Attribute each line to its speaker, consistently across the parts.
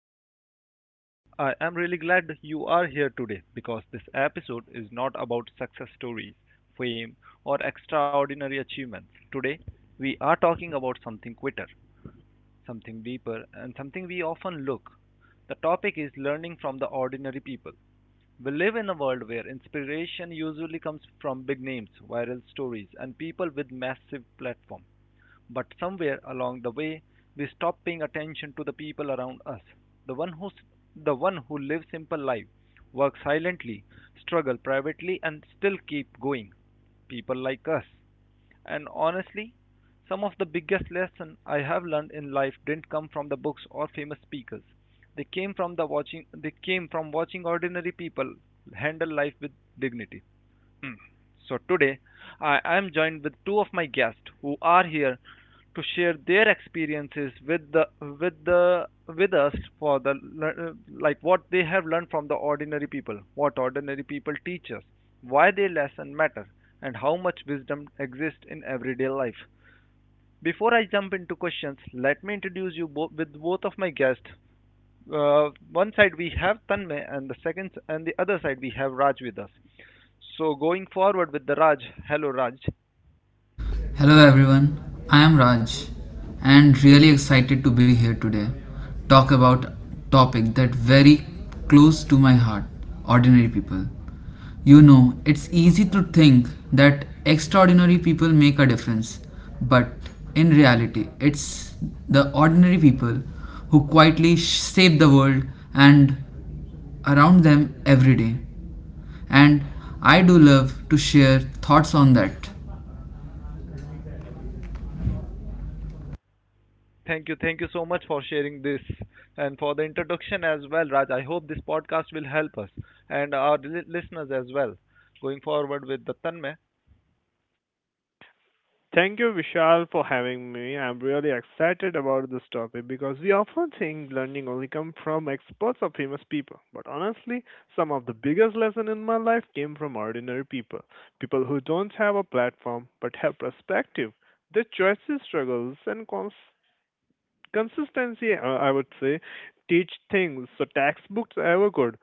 Speaker 1: back to the podcast. I am really glad you are here today because this episode is not about success stories, fame, or extraordinary achievements. Today, we are talking about something quicker, something deeper, and something we often look. The topic is learning from the ordinary people. We live in a world where inspiration usually comes from big names, viral stories, and people with massive platforms. But somewhere along the way, we stop paying attention to the people around us. The one who, the one who lives simple life, works silently, struggle privately, and still keep going. People like us. And honestly, some of the biggest lessons I have learned in life didn't come from the books or famous speakers. They came from the watching. They came from watching ordinary people handle life with dignity. Mm. So today I am joined with two of my guests who are here to share their experiences with the with the with us for the like what they have learned from the ordinary people, what ordinary people teach us, why their lesson matter, and how much wisdom exists in everyday life. Before I jump into questions, let me introduce you both with both of my guests. One side we have Tanmay, and the second and the other side we have Raj with us. So going forward with the Raj. Hello, Raj.
Speaker 2: Hello everyone, I am Raj and really excited to be here today. Talk about topic that very close to my heart, ordinary people. It's easy to think that extraordinary people make a difference, but in reality, it's the ordinary people who quietly shape the world and around them every day. And I do love to share thoughts on that.
Speaker 1: Thank you. Thank you so much for sharing this and for the introduction as well, Raj. I hope this podcast will help us and our listeners as well. Going forward with the Tanmay.
Speaker 3: Thank you, Vishal, for having me. I'm really excited about this topic because we often think learning only comes from experts or famous people. But honestly, some of the biggest lessons in my life came from ordinary people. People who don't have a platform but have perspective. Their choices, struggles, and consistency, I would say, teach things so textbooks ever could.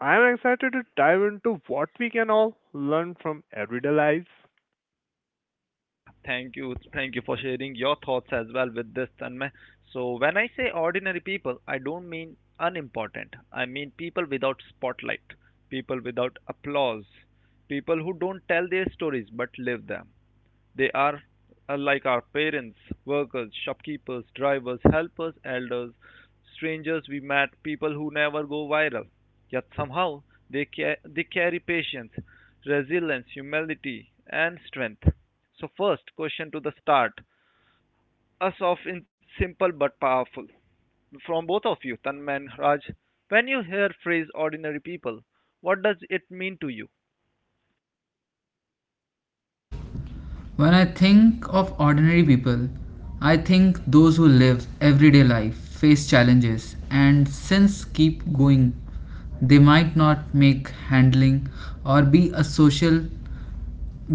Speaker 3: I'm excited to dive into what we can all learn from everyday lives.
Speaker 1: Thank you. Thank you for sharing your thoughts as well with this, Tanmay. So when I say ordinary people, I don't mean unimportant. I mean people without spotlight, people without applause, people who don't tell their stories but live them. They are like our parents, workers, shopkeepers, drivers, helpers, elders, strangers we met, people who never go viral. Yet somehow they carry patience, resilience, humility, and strength. So, first question to the start us off in simple but powerful. From both of you, Tanman, Raj, when you hear phrase ordinary people, what does it mean to you?
Speaker 2: When I think of ordinary people, I think those who live everyday life, face challenges, and since keep going, they might not make handling or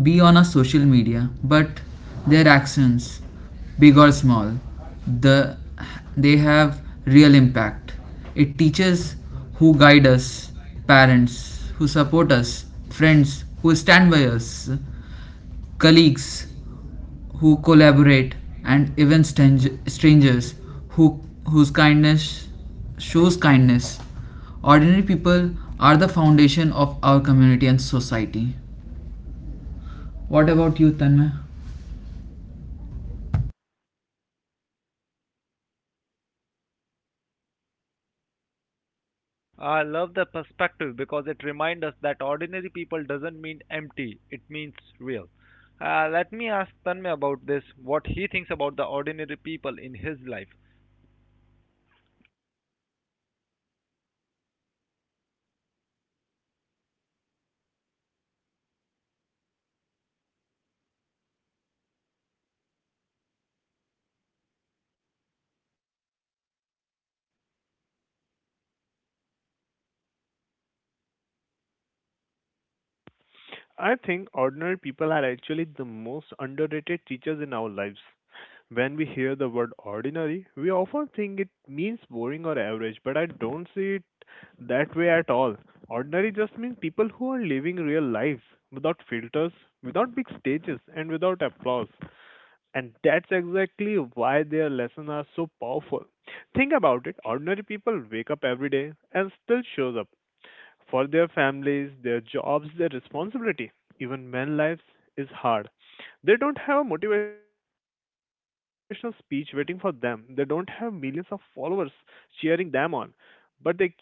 Speaker 2: be on a social media, but their actions, big or small, the they have real impact. It teaches who guide us, parents who support us, friends who stand by us, colleagues who collaborate, and even strangers who, whose kindness shows kindness. Ordinary people are the foundation of our community and society. What about you, Tanmay?
Speaker 1: I love the perspective because it reminds us that ordinary people doesn't mean empty, it means real. Let me ask Tanmay about this, what he thinks about the ordinary people in his life.
Speaker 3: I think ordinary people are actually the most underrated teachers in our lives. When we hear the word ordinary, we often think it means boring or average, but I don't see it that way at all. Ordinary just means people who are living real lives without filters, without big stages, and without applause. And that's exactly why their lessons are so powerful. Think about it, ordinary people wake up every day and still shows up for their families, their jobs, their responsibility, even when life is hard. They don't have a motivational speech waiting for them. They don't have millions of followers cheering them on, but they keep going anyway.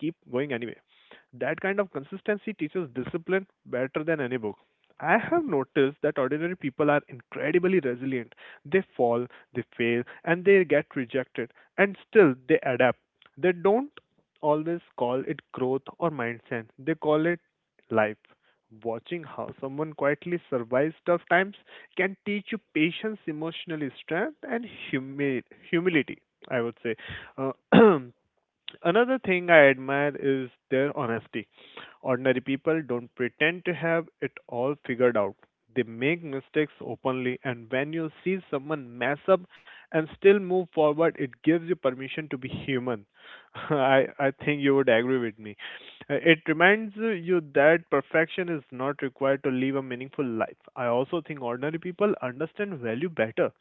Speaker 3: That kind of consistency teaches discipline better than any book. I have noticed that ordinary people are incredibly resilient. They fall, they fail, and they get rejected, and still they adapt. They don't always call it growth or mindset, they call it life. Watching how someone quietly survives tough times can teach you patience, emotional strength, and humility, I would say. Uh, Another thing I admire is their honesty. Ordinary people don't pretend to have it all figured out. They make mistakes openly, and when you see someone mess up and still move forward, it gives you permission to be human. I think you would agree with me. It reminds you that perfection is not required to live a meaningful life. I also think ordinary people understand value better.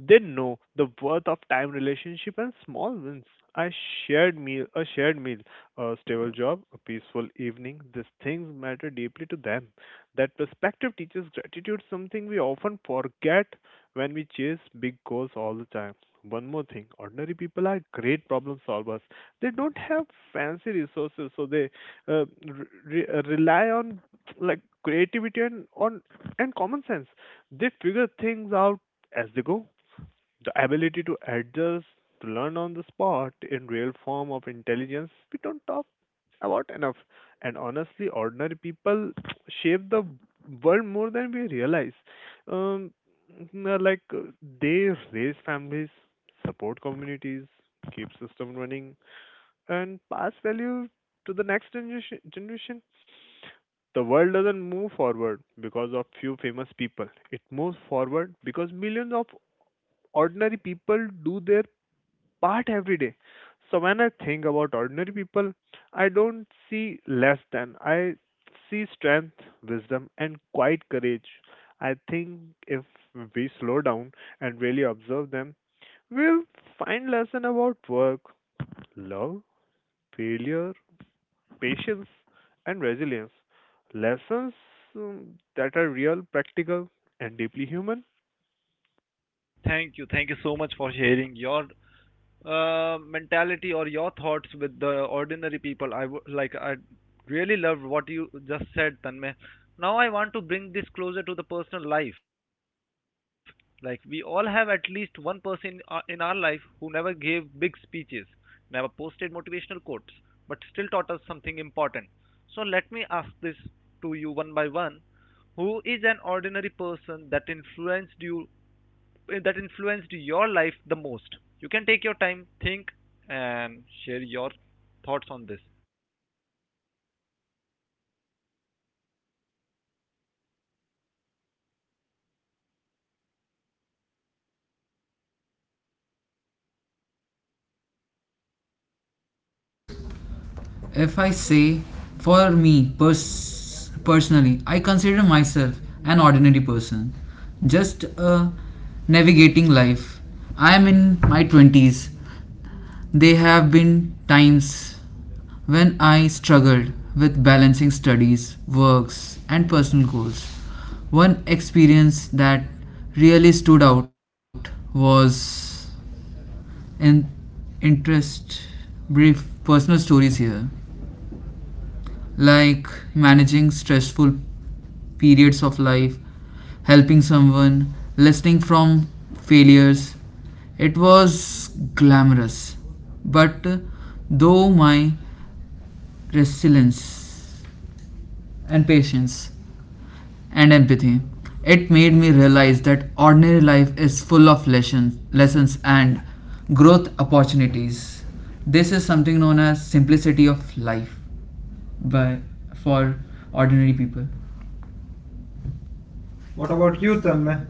Speaker 3: They know the worth of time, relationship, and small wins. A a shared meal, a stable job, a peaceful evening. These things matter deeply to them. That perspective teaches gratitude, something we often forget when we chase big goals all the time. One more thing, ordinary people are great problem solvers. They don't have fancy resources, so they rely on, like, creativity and on and common sense. They figure things out as they go. The ability to adjust, to learn on the spot, in real form of intelligence we don't talk about enough. And honestly, ordinary people shape the world more than we realize. um n- like uh, they raise families, support communities, keep system running, and pass value to the next generation. The world doesn't move forward because of few famous people. It moves forward because millions of ordinary people do their part every day. So when I think about ordinary people, I don't see less, than I see strength, wisdom, and quiet courage. I think, if we slow down and really observe them, we'll find lesson about work, love, failure, patience, and resilience. Lessons that are real, practical, and deeply human.
Speaker 1: Thank you so much for sharing your mentality or your thoughts with the ordinary people. Like, I really loved what you just said, Tanmay. Now I want to bring this closer to the personal life. Like, we all have at least one person in our life who never gave big speeches, never posted motivational quotes, but still taught us something important. So let me ask this to you one by one. Who is an ordinary person that influenced your life the most? You can take your time, think, and share your thoughts on this.
Speaker 2: If I say, for me personally, I consider myself an ordinary person, just navigating life. I am in my 20s. There have been times when I struggled with balancing studies, works, and personal goals. One experience that really stood out was an interest brief personal stories here, like managing stressful periods of life, helping someone, listening from failures. It was glamorous, but though my resilience and patience and empathy. It made me realize that ordinary life is full of lessons, lessons and growth opportunities. This is something known as simplicity of life by for ordinary people.
Speaker 1: What
Speaker 2: What
Speaker 1: about
Speaker 2: about
Speaker 1: you,
Speaker 2: you,
Speaker 1: Tanmay?
Speaker 2: Tamme?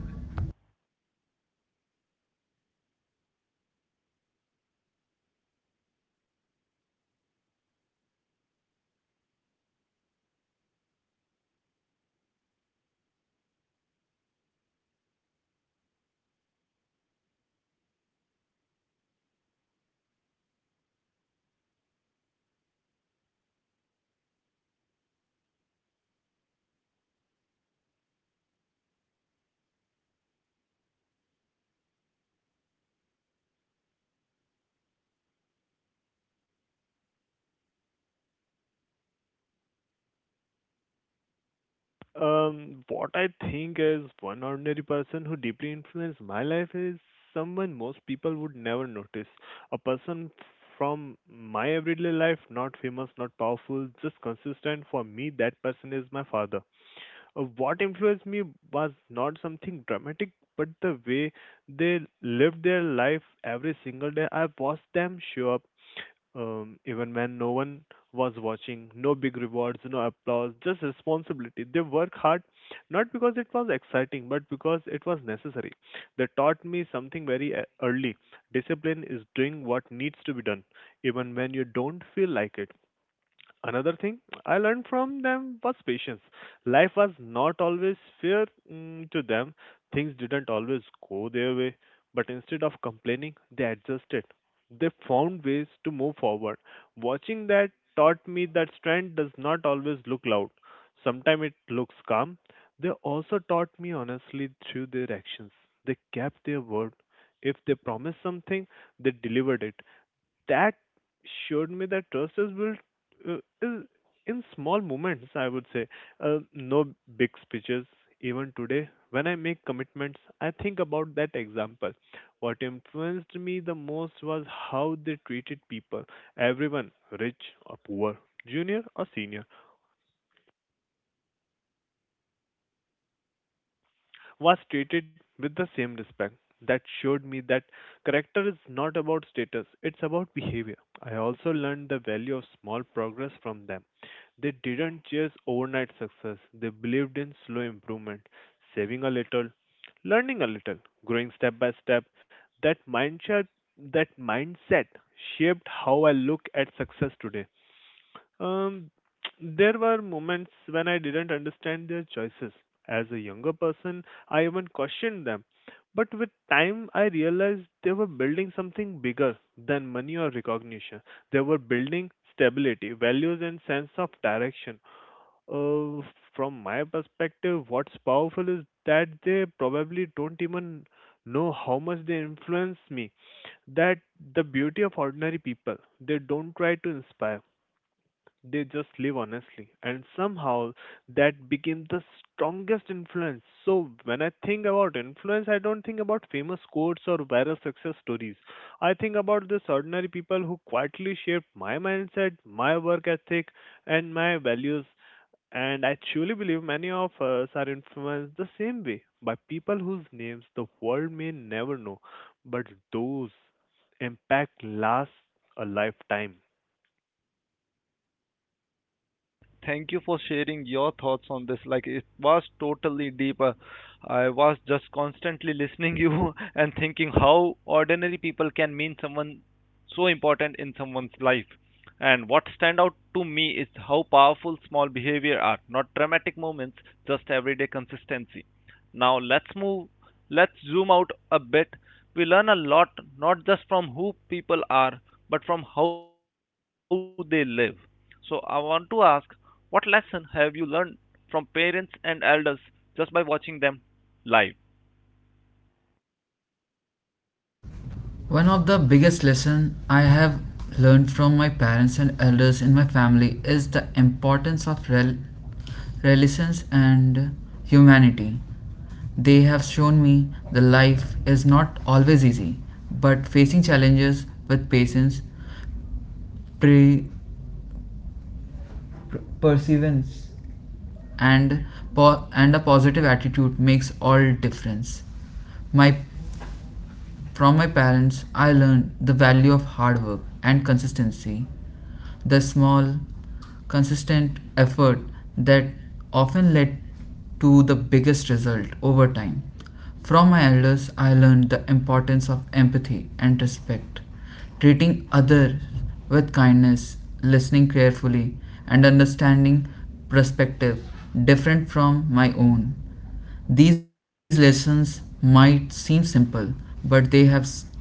Speaker 3: What I think is, one ordinary person who deeply influenced my life is someone most people would never notice. A person from my everyday life, not famous, not powerful, just consistent. For me, that person is my father. What influenced me was not something dramatic, but the way they lived their life every single day. I watched them show up, even when no one was watching, no big rewards, no applause, just responsibility. They work hard not because it was exciting, but because it was necessary. They taught me something very early. Discipline is doing what needs to be done, even when you don't feel like it. Another thing I learned from them was patience. Life was not always fair to them. Things didn't always go their way, but instead of complaining, they adjusted. They found ways to move forward. Watching that taught me that strength does not always look loud. Sometimes it looks calm. They also taught me honestly through their actions. They kept their word. If they promised something, they delivered it. That showed me that trust is built, is in small moments, I would say. No big speeches. Even today, when I make commitments, I think about that example. What influenced me the most was how they treated people. Everyone, rich or poor, junior or senior, was treated with the same respect. That showed me that character is not about status, it's about behavior. I also learned the value of small progress from them. They didn't chase overnight success, they believed in slow improvement, saving a little, learning a little, growing step by step. That mindset, that mindset shaped how I look at success today. Um, there were moments when I didn't understand their choices. As a younger person, I even questioned them. But with time, I realized they were building something bigger than money or recognition. They were building stability, values, and sense of direction. Uh, from my perspective, what's powerful is that they probably don't even know how much they influence me. That, the beauty of ordinary people, they don't try to inspire, they just live honestly, and somehow that became the strongest influence. So, when I think about influence, I don't think about famous quotes or viral success stories. I think about these ordinary people who quietly shaped my mindset, my work ethic, and my values. And I truly believe many of us are influenced the same way by people whose names the world may never know, but those impact lasts a lifetime.
Speaker 1: Thank you for sharing your thoughts on this. Like, it was totally deep. I was just constantly listening you and thinking how ordinary people can mean someone so important in someone's life. And what stand out to me is how powerful small behavior are, not dramatic moments, just everyday consistency. Now let's zoom out a bit. We learn a lot not just from who people are, but from how they live. So I want to ask, what lesson have you learned from parents and elders just by watching them live?
Speaker 2: One of the biggest lessons I have learned from my parents and elders in my family is the importance of relations and humanity. They have shown me that life is not always easy, but facing challenges with patience, pre- perseverance, and a positive attitude makes all difference. My from my parents, I learned the value of hard work and consistency the small, consistent effort that often led to the biggest result over time. From my elders, I learned the importance of empathy and respect, treating others with kindness, listening carefully, and understanding perspective different from my own. These lessons might seem simple, but they have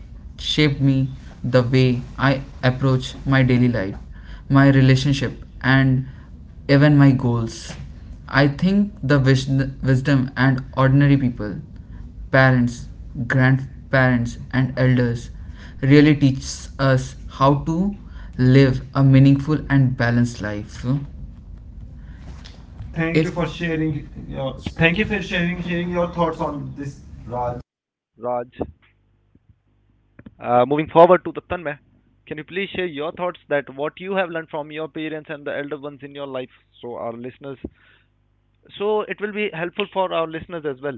Speaker 2: shaped me the way I approach my daily life, my relationship, and even my goals. I think the wisdom and ordinary people, parents, grandparents, and elders really teaches us how to live a meaningful and balanced life. Thank
Speaker 1: Thank
Speaker 2: It's-
Speaker 1: you
Speaker 2: you
Speaker 1: for
Speaker 2: for
Speaker 1: sharing
Speaker 2: sharing. Your,
Speaker 1: Thank
Speaker 2: thank
Speaker 1: you
Speaker 2: you
Speaker 1: for
Speaker 2: for
Speaker 1: sharing
Speaker 2: sharing
Speaker 1: your
Speaker 2: your
Speaker 1: thoughts
Speaker 2: thoughts
Speaker 1: on
Speaker 2: on
Speaker 1: this,
Speaker 2: this,
Speaker 1: Raj.
Speaker 2: Raj.
Speaker 1: Moving forward to the Tanmay, can you please share your thoughts that what you have learned from your parents and the elder ones in your life so our listeners, so it will be helpful for our listeners as well.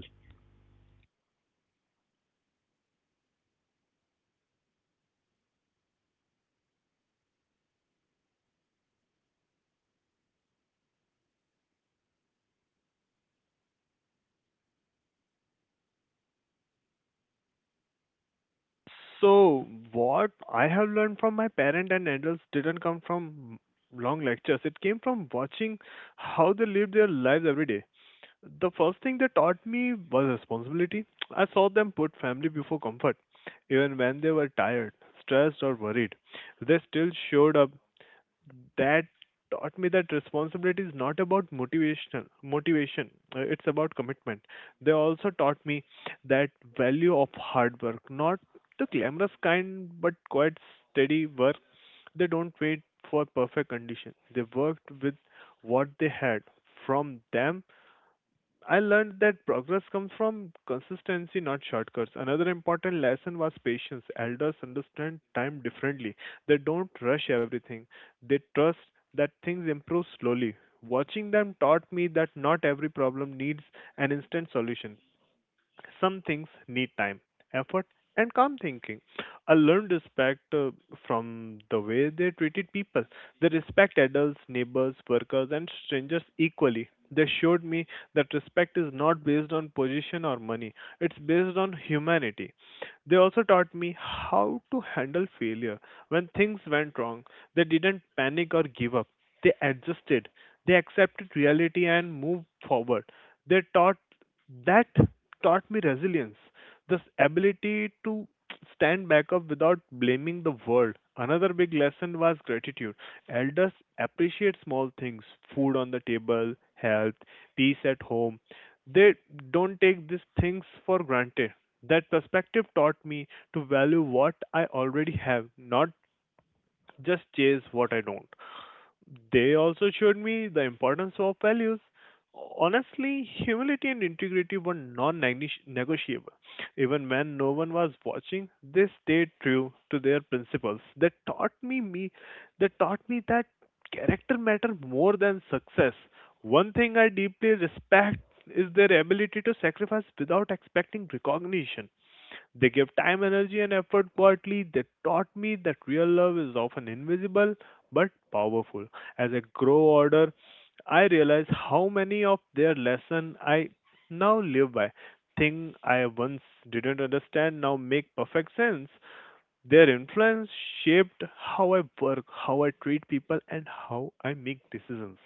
Speaker 3: So, what I have learned from my parents and adults didn't come from long lectures. It came from watching how they lived their lives every day. The first thing they taught me was responsibility. I saw them put family before comfort. Even when they were tired, stressed, or worried, they still showed up. That taught me that responsibility is not about motivation. It's about commitment. They also taught me that value of hard work, not the glamorous kind but quite steady work. They don't wait for perfect conditions, they worked with what they had. From them I learned that progress comes from consistency, not shortcuts. Another important lesson was patience. Elders understand time differently. They don't rush everything, they trust that things improve slowly. Watching them taught me that not every problem needs an instant solution. Some things need time, effort, and calm thinking. I learned respect, from the way they treated people. They respect adults, neighbors, workers, and strangers equally. They showed me that respect is not based on position or money, it's based on humanity. They also taught me how to handle failure. When things went wrong, they didn't panic or give up. They adjusted, they accepted reality and moved forward. They taught that taught me resilience, this ability to stand back up without blaming the world. Another big lesson was gratitude. Elders appreciate small things, food on the table, health, peace at home. They don't take these things for granted. That perspective taught me to value what I already have, not just chase what I don't. They also showed me the importance of values. Honestly, humility and integrity were non negotiable. Even when no one was watching, they stayed true to their principles. That taught me that character matter more than success. One thing I deeply respect is their ability to sacrifice without expecting recognition. They give time, energy, and effort quietly. They taught me that real love is often invisible but powerful. As I grow older, I realize how many of their lesson I now live by. Thing I once didn't understand now make perfect sense. Their influence shaped how I work, how I treat people, and how I make decisions.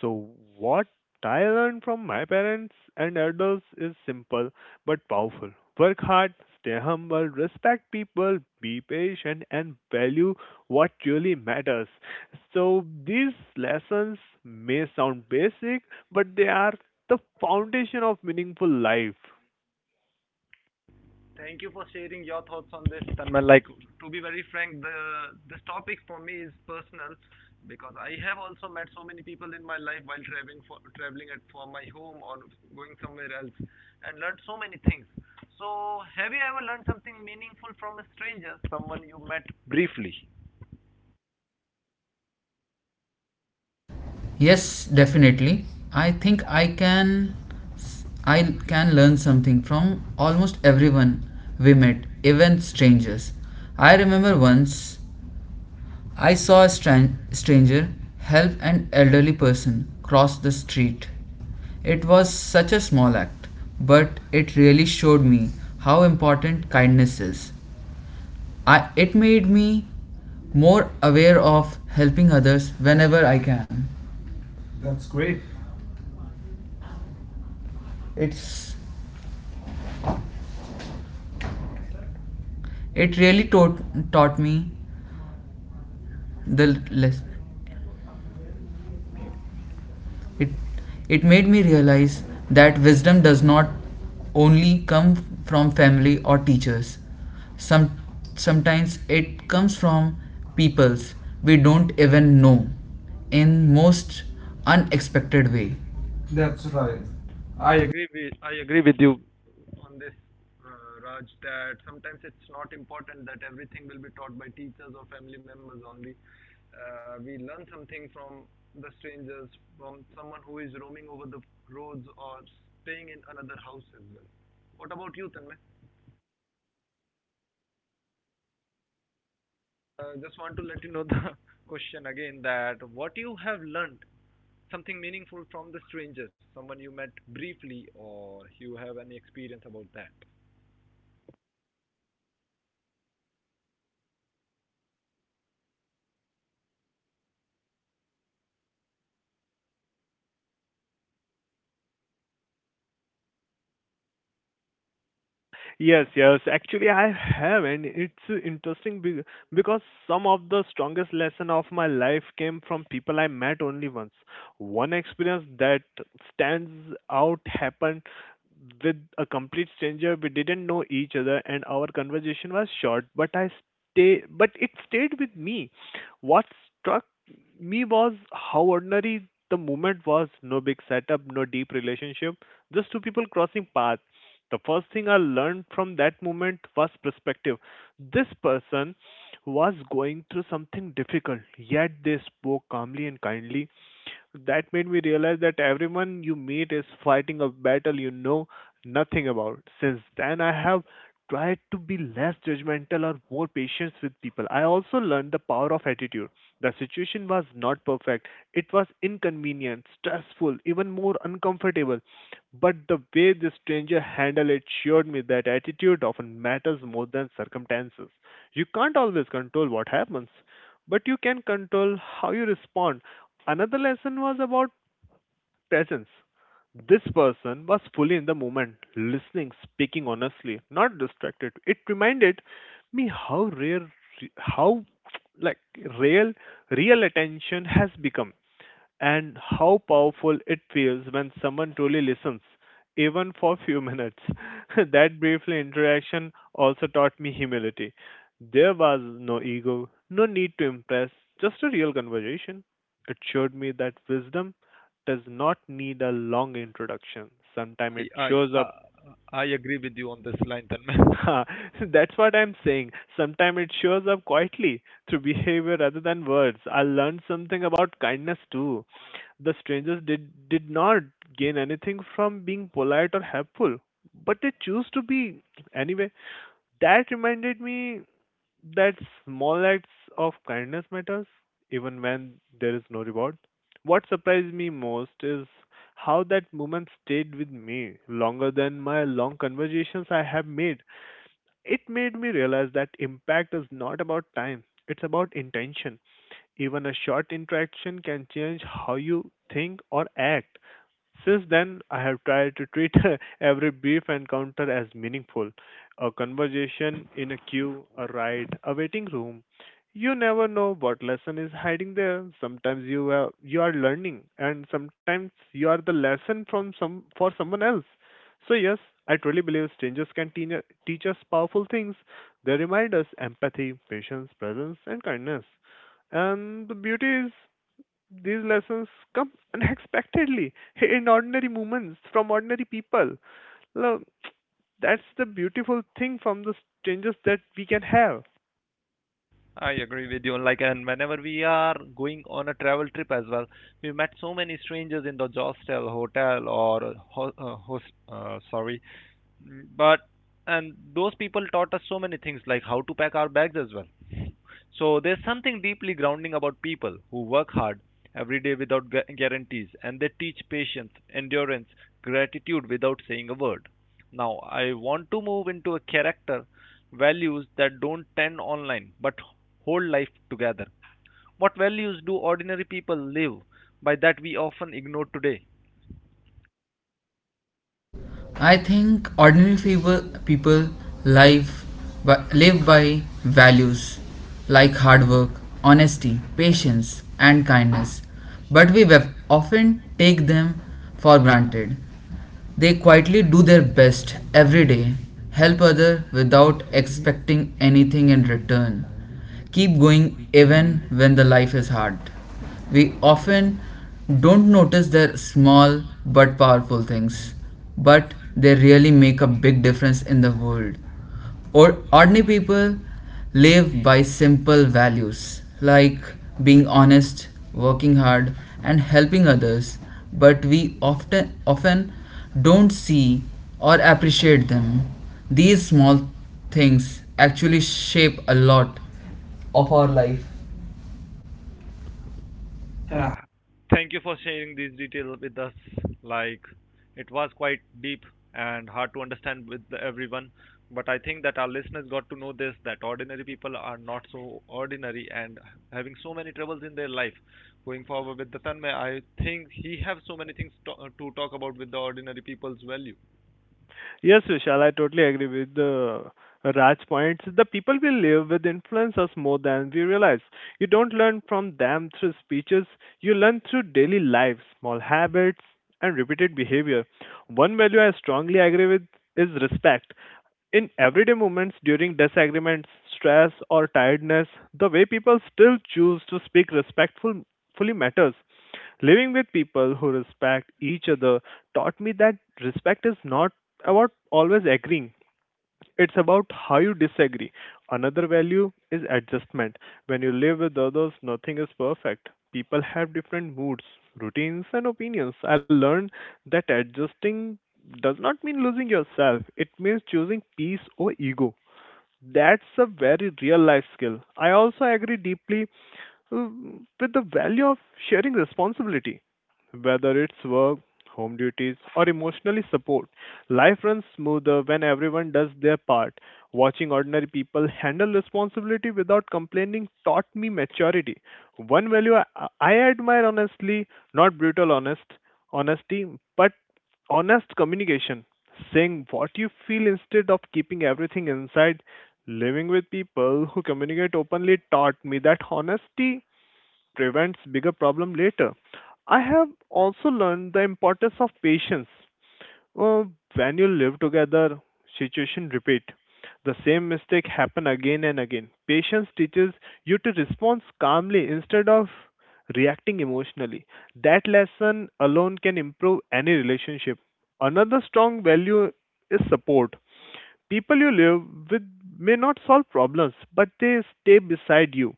Speaker 3: So, what I learned from my parents and elders is simple but powerful. Work hard, stay humble, respect people, be patient, and value what really matters. So, these lessons may sound basic, but they are the foundation of meaningful life.
Speaker 1: Thank you for sharing your thoughts on this, Tanmay. Like, to be very frank, the this topic for me is personal because I have also met so many people in my life while traveling at for my home or going somewhere else and learned so many things. So, have you ever learned something meaningful from a stranger, someone you met briefly?
Speaker 2: Yes, definitely. I think i can i can learn something from almost everyone we met, even strangers. I remember once I saw a stranger help an elderly person cross the street. It was such a small act, but it really showed me how important kindness is. It made me more aware of helping others whenever I can. That's
Speaker 1: That's
Speaker 2: great.
Speaker 1: great.
Speaker 2: It's it really taught me the less. It it made me realize that wisdom does not only come from family or teachers. Some Sometimes it comes from peoples we don't even know in most unexpected way.
Speaker 1: That's
Speaker 2: That's
Speaker 1: right.
Speaker 2: right. I
Speaker 1: I agree with you on this, Raj, that sometimes it's not important that everything will be taught by teachers or family members only. We learn something from the strangers, from someone who is roaming over the roads or staying in another house as well. What about you, Tanmay? Just want to let you know the question again, that what you have learned something meaningful from the strangers, someone you met briefly, or you have any experience about that.
Speaker 3: Yes, yes. Actually, I have, and it's interesting because some of the strongest lesson of my life came from people I met only once. One experience that stands out happened with a complete stranger. We didn't know each other, and our conversation was short, but it stayed with me. What struck me was how ordinary the moment was. No big setup, no deep relationship, just two people crossing paths. The first thing I learned from that moment was perspective. This person was going through something difficult, yet they spoke calmly and kindly. That made me realize that everyone you meet is fighting a battle you know nothing about. Since then, I have tried to be less judgmental or more patient with people. I also learned the power of attitude. The situation was not perfect, it was inconvenient, stressful, even more uncomfortable. But the way the stranger handled it showed me that attitude often matters more than circumstances. You can't always control what happens, but you can control how you respond. Another lesson was about presence. This person was fully in the moment, listening, speaking honestly, not distracted. It reminded me how rare, how like real, real attention has become and how powerful it feels when someone truly listens, even for few minutes. That brief interaction also taught me humility. There was no ego, no need to impress, just a real conversation. It showed me that wisdom does not need a long introduction. Sometimes it
Speaker 1: I,
Speaker 3: shows up
Speaker 1: I- I agree with you on this line, Tanmay.
Speaker 3: That's what I'm saying. Sometimes it shows up quietly through behavior rather than words. I learned something about kindness too. The strangers did not gain anything from being polite or helpful, but they choose to be anyway. That reminded me that small acts of kindness matters even when there is no reward. What surprised me most is how that moment stayed with me longer than my long conversations I have made. It made me realize that impact is not about time, it's about intention. Even a short interaction can change how you think or act. Since then, I have tried to treat every brief encounter as meaningful. A conversation in a queue, a ride, a waiting room. You never know what lesson is hiding there. Sometimes you are learning, and sometimes you are the lesson from some for someone else. So, yes, I truly believe strangers can teach us powerful things. They remind us empathy, patience, presence, and kindness. And the beauty is, these lessons come unexpectedly in ordinary moments from ordinary people. Look, that's the beautiful thing from the strangers that we can have.
Speaker 1: I agree with you. Like, and whenever we are going on a travel trip as well, we met so many strangers in the hostel, hotel, or host, sorry, but, and those people taught us so many things, like how to pack our bags as well. So there's something deeply grounding about people who work hard every day without guarantees, and they teach patience, endurance, gratitude without saying a word. Now, I want to move into a character values that don't trend online but hold life together. What values do ordinary people live by that we often ignore today?
Speaker 2: I think ordinary people live live by values like hard work, honesty, patience, and kindness, but we often take them for granted. They quietly do their best every day, help others without expecting anything in return, keep going even when the life is hard. We often don't notice their small but powerful things, but they really make a big difference in the world. Or ordinary people live by simple values like being honest, working hard, and helping others, but we often don't see or appreciate them. These small things actually shape a lot of our life.
Speaker 1: Yeah. Thank you for sharing these details with us. Like, it was quite deep and hard to understand with everyone, but I think that our listeners got to know this, that ordinary people are not so ordinary and having so many troubles in their life. Going forward with the Tanmay, I think he have so many things to talk about with the ordinary people's value.
Speaker 3: Yes, Vishal, I totally agree with the Raj points. The people we live with influence us more than we realize. You don't learn from them through speeches, you learn through daily life, small habits, and repeated behavior. One value I strongly agree with is respect. In everyday moments during disagreements, stress, or tiredness, the way people still choose to speak respectfully matters. Living with people who respect each other taught me that respect is not about always agreeing, it's about how you disagree. Another value is adjustment. When you live with others, nothing is perfect. People have different moods, routines, and opinions. I learned that adjusting does not mean losing yourself, it means choosing peace or ego. That's a very real life skill. I also agree deeply with the value of sharing responsibility, whether it's work, home duties, or emotionally support. Life runs smoother when everyone does their part. Watching ordinary people handle responsibility without complaining taught me maturity. One value I admire honestly, not brutal honesty, but honest communication. Saying what you feel instead of keeping everything inside living with people who communicate openly taught me that honesty prevents bigger problem later. I have also learned the importance of patience. Uh, when you live together, situation repeat. The same mistake happen again and again. Patience teaches you to respond calmly instead of reacting emotionally. That lesson alone can improve any relationship. Another strong value is support. People you live with may not solve problems, but they stay beside you.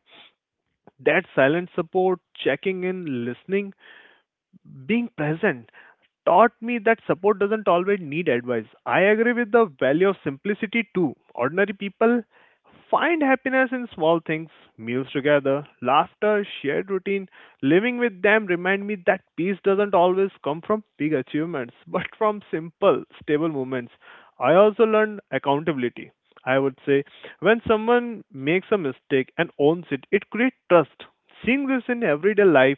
Speaker 3: That silent support, checking in, listening, being present, taught me that support doesn't always need advice. I agree with the value of simplicity too. Ordinary people find happiness in small things, meals together, laughter, shared routine. Living with them remind me that peace doesn't always come from big achievements, but from simple, stable moments. I also learned accountability. I would say when someone makes a mistake and owns it, it creates trust. Seeing this in everyday life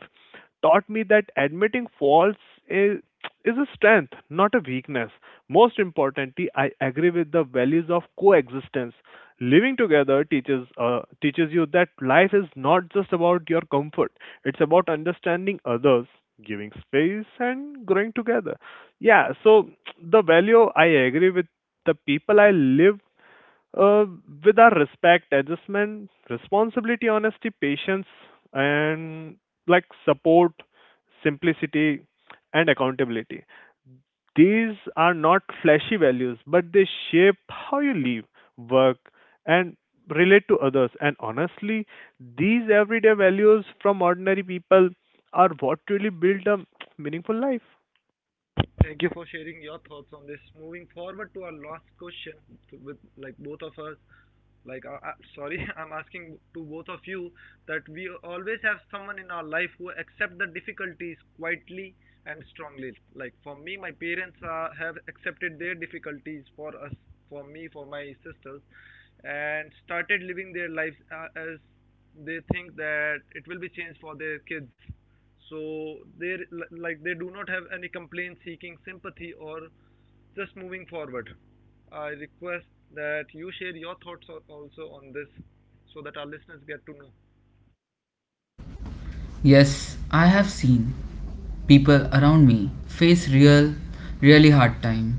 Speaker 3: taught me that admitting faults is, is a strength, not a weakness. Most importantly, I agree with the values of coexistence. Living together teaches you that life is not just about your comfort. It's about understanding others, giving space, and growing together. Yeah, so the value I agree with the people I live uh, with our respect, adjustment, responsibility, honesty, patience, and like support, simplicity, and accountability. These are not flashy values, but they shape how you live, work, and relate to others. And honestly, these everyday values from ordinary people are what really build a meaningful life.
Speaker 1: Thank you for sharing your thoughts on this. Moving forward to our last question to, with like both of us, like sorry, I'm asking to both of you that we always have someone in our life who accept the difficulties quietly and strongly. Like for me, my parents have accepted their difficulties for us, for me, for my sisters, and started living their lives as they think that it will be changed for their kids. So they, like, they do not have any complaint seeking sympathy, or just moving forward, I request that you share your thoughts also on this, so that our listeners get to know.
Speaker 2: Yes, I have seen people around me face really hard time.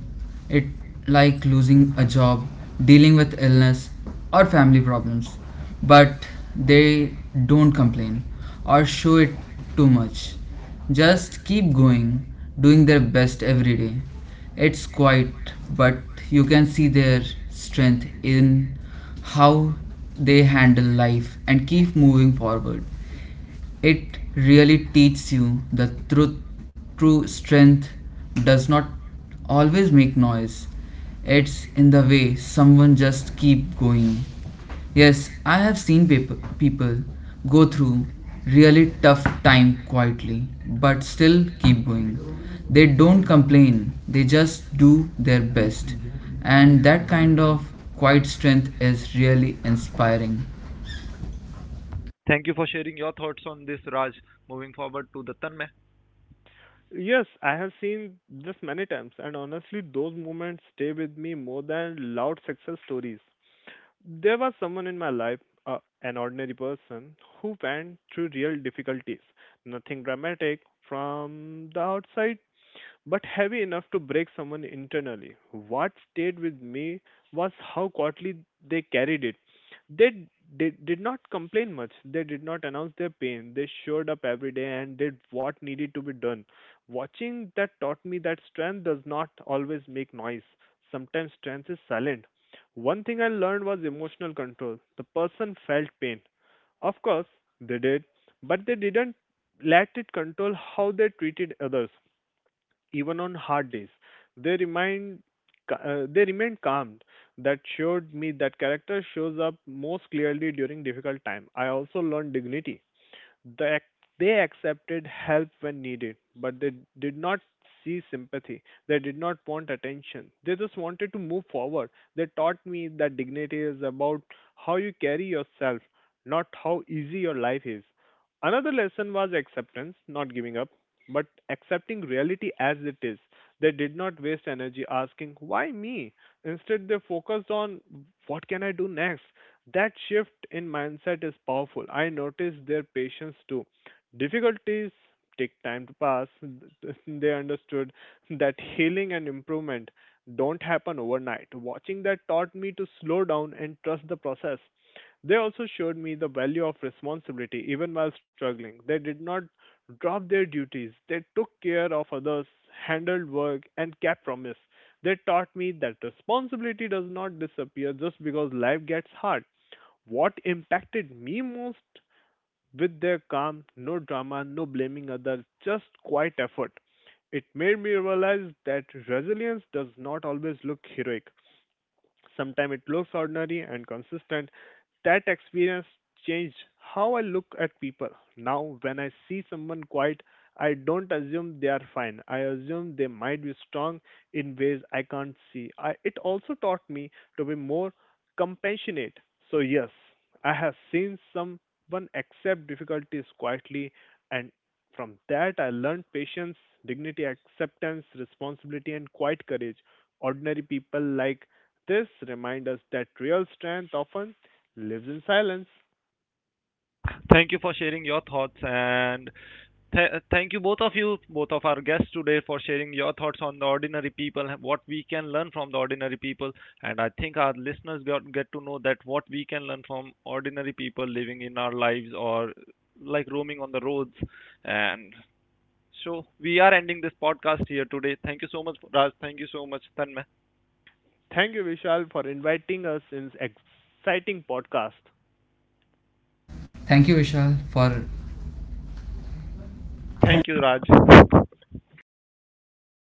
Speaker 2: It like losing a job, dealing with illness or family problems. But they don't complain or show it too much. Just keep going, doing their best every day. It's quiet, but you can see their strength in how they handle life and keep moving forward. It really teaches you the truth, true strength does not always make noise. It's in the way someone just keep going. Yes, I have seen people go through really tough time quietly, but still keep going. They don't complain, they just do their best. And that kind of quiet strength is really inspiring.
Speaker 1: Thank you for sharing your thoughts on this, Raj. Moving forward to the Tanmay.
Speaker 3: Yes, I have seen this many times, and honestly, those moments stay with me more than loud success stories. There was someone in my life, an ordinary person, who went through real difficulties. Nothing dramatic from the outside, but heavy enough to break someone internally. What stayed with me was how quietly they carried it. They did not complain much, they did not announce their pain, they showed up every day and did what needed to be done. Watching that taught me that strength does not always make noise. Sometimes strength is silent. One thing I learned was emotional control. The person felt pain. Of course, they did, but they didn't let it control how they treated others, even on hard days. They remind they remained calm. That showed me that character shows up most clearly during difficult time. I also learned dignity. The, they accepted help when needed, but they did not see sympathy. They did not want attention. They just wanted to move forward. They taught me that dignity is about how you carry yourself, not how easy your life is. Another lesson was acceptance, not giving up, but accepting reality as it is. They did not waste energy asking, why me? Instead, they focused on what can I do next? That shift in mindset is powerful. I notice their patience too. Difficulties take time to pass. They understood that healing and improvement don't happen overnight. Watching that taught me to slow down and trust the process. They also showed me the value of responsibility even while struggling. They did not drop their duties, they took care of others, handled work, and kept promise. They taught me that responsibility does not disappear just because life gets hard. What impacted me most with their calm, no drama, no blaming others, just quiet effort. It made me realize that resilience does not always look heroic. Sometimes it looks ordinary and consistent. That experience changed how I look at people. Now, when I see someone quiet, I don't assume they are fine. I assume they might be strong in ways I can't see. It also taught me to be more compassionate. So, yes, I have seen someone accept difficulties quietly, and from that, I learned patience, dignity, acceptance, responsibility, and quiet courage. Ordinary people like this reminds us that real strength often lives in silence.
Speaker 1: Thank you for sharing your thoughts, and thank you, both of our guests today, for sharing your thoughts on the ordinary people, what we can learn from the ordinary people, and I think our listeners get to know that what we can learn from ordinary people living in our lives or like roaming on the roads, and so we are ending this podcast here today. Thank you so much, Raj. Thank you so much, Tanmay.
Speaker 3: Thank you, Vishal, for inviting us in this exciting podcast.
Speaker 2: Thank you, Vishal, for
Speaker 1: Thank you, Raj.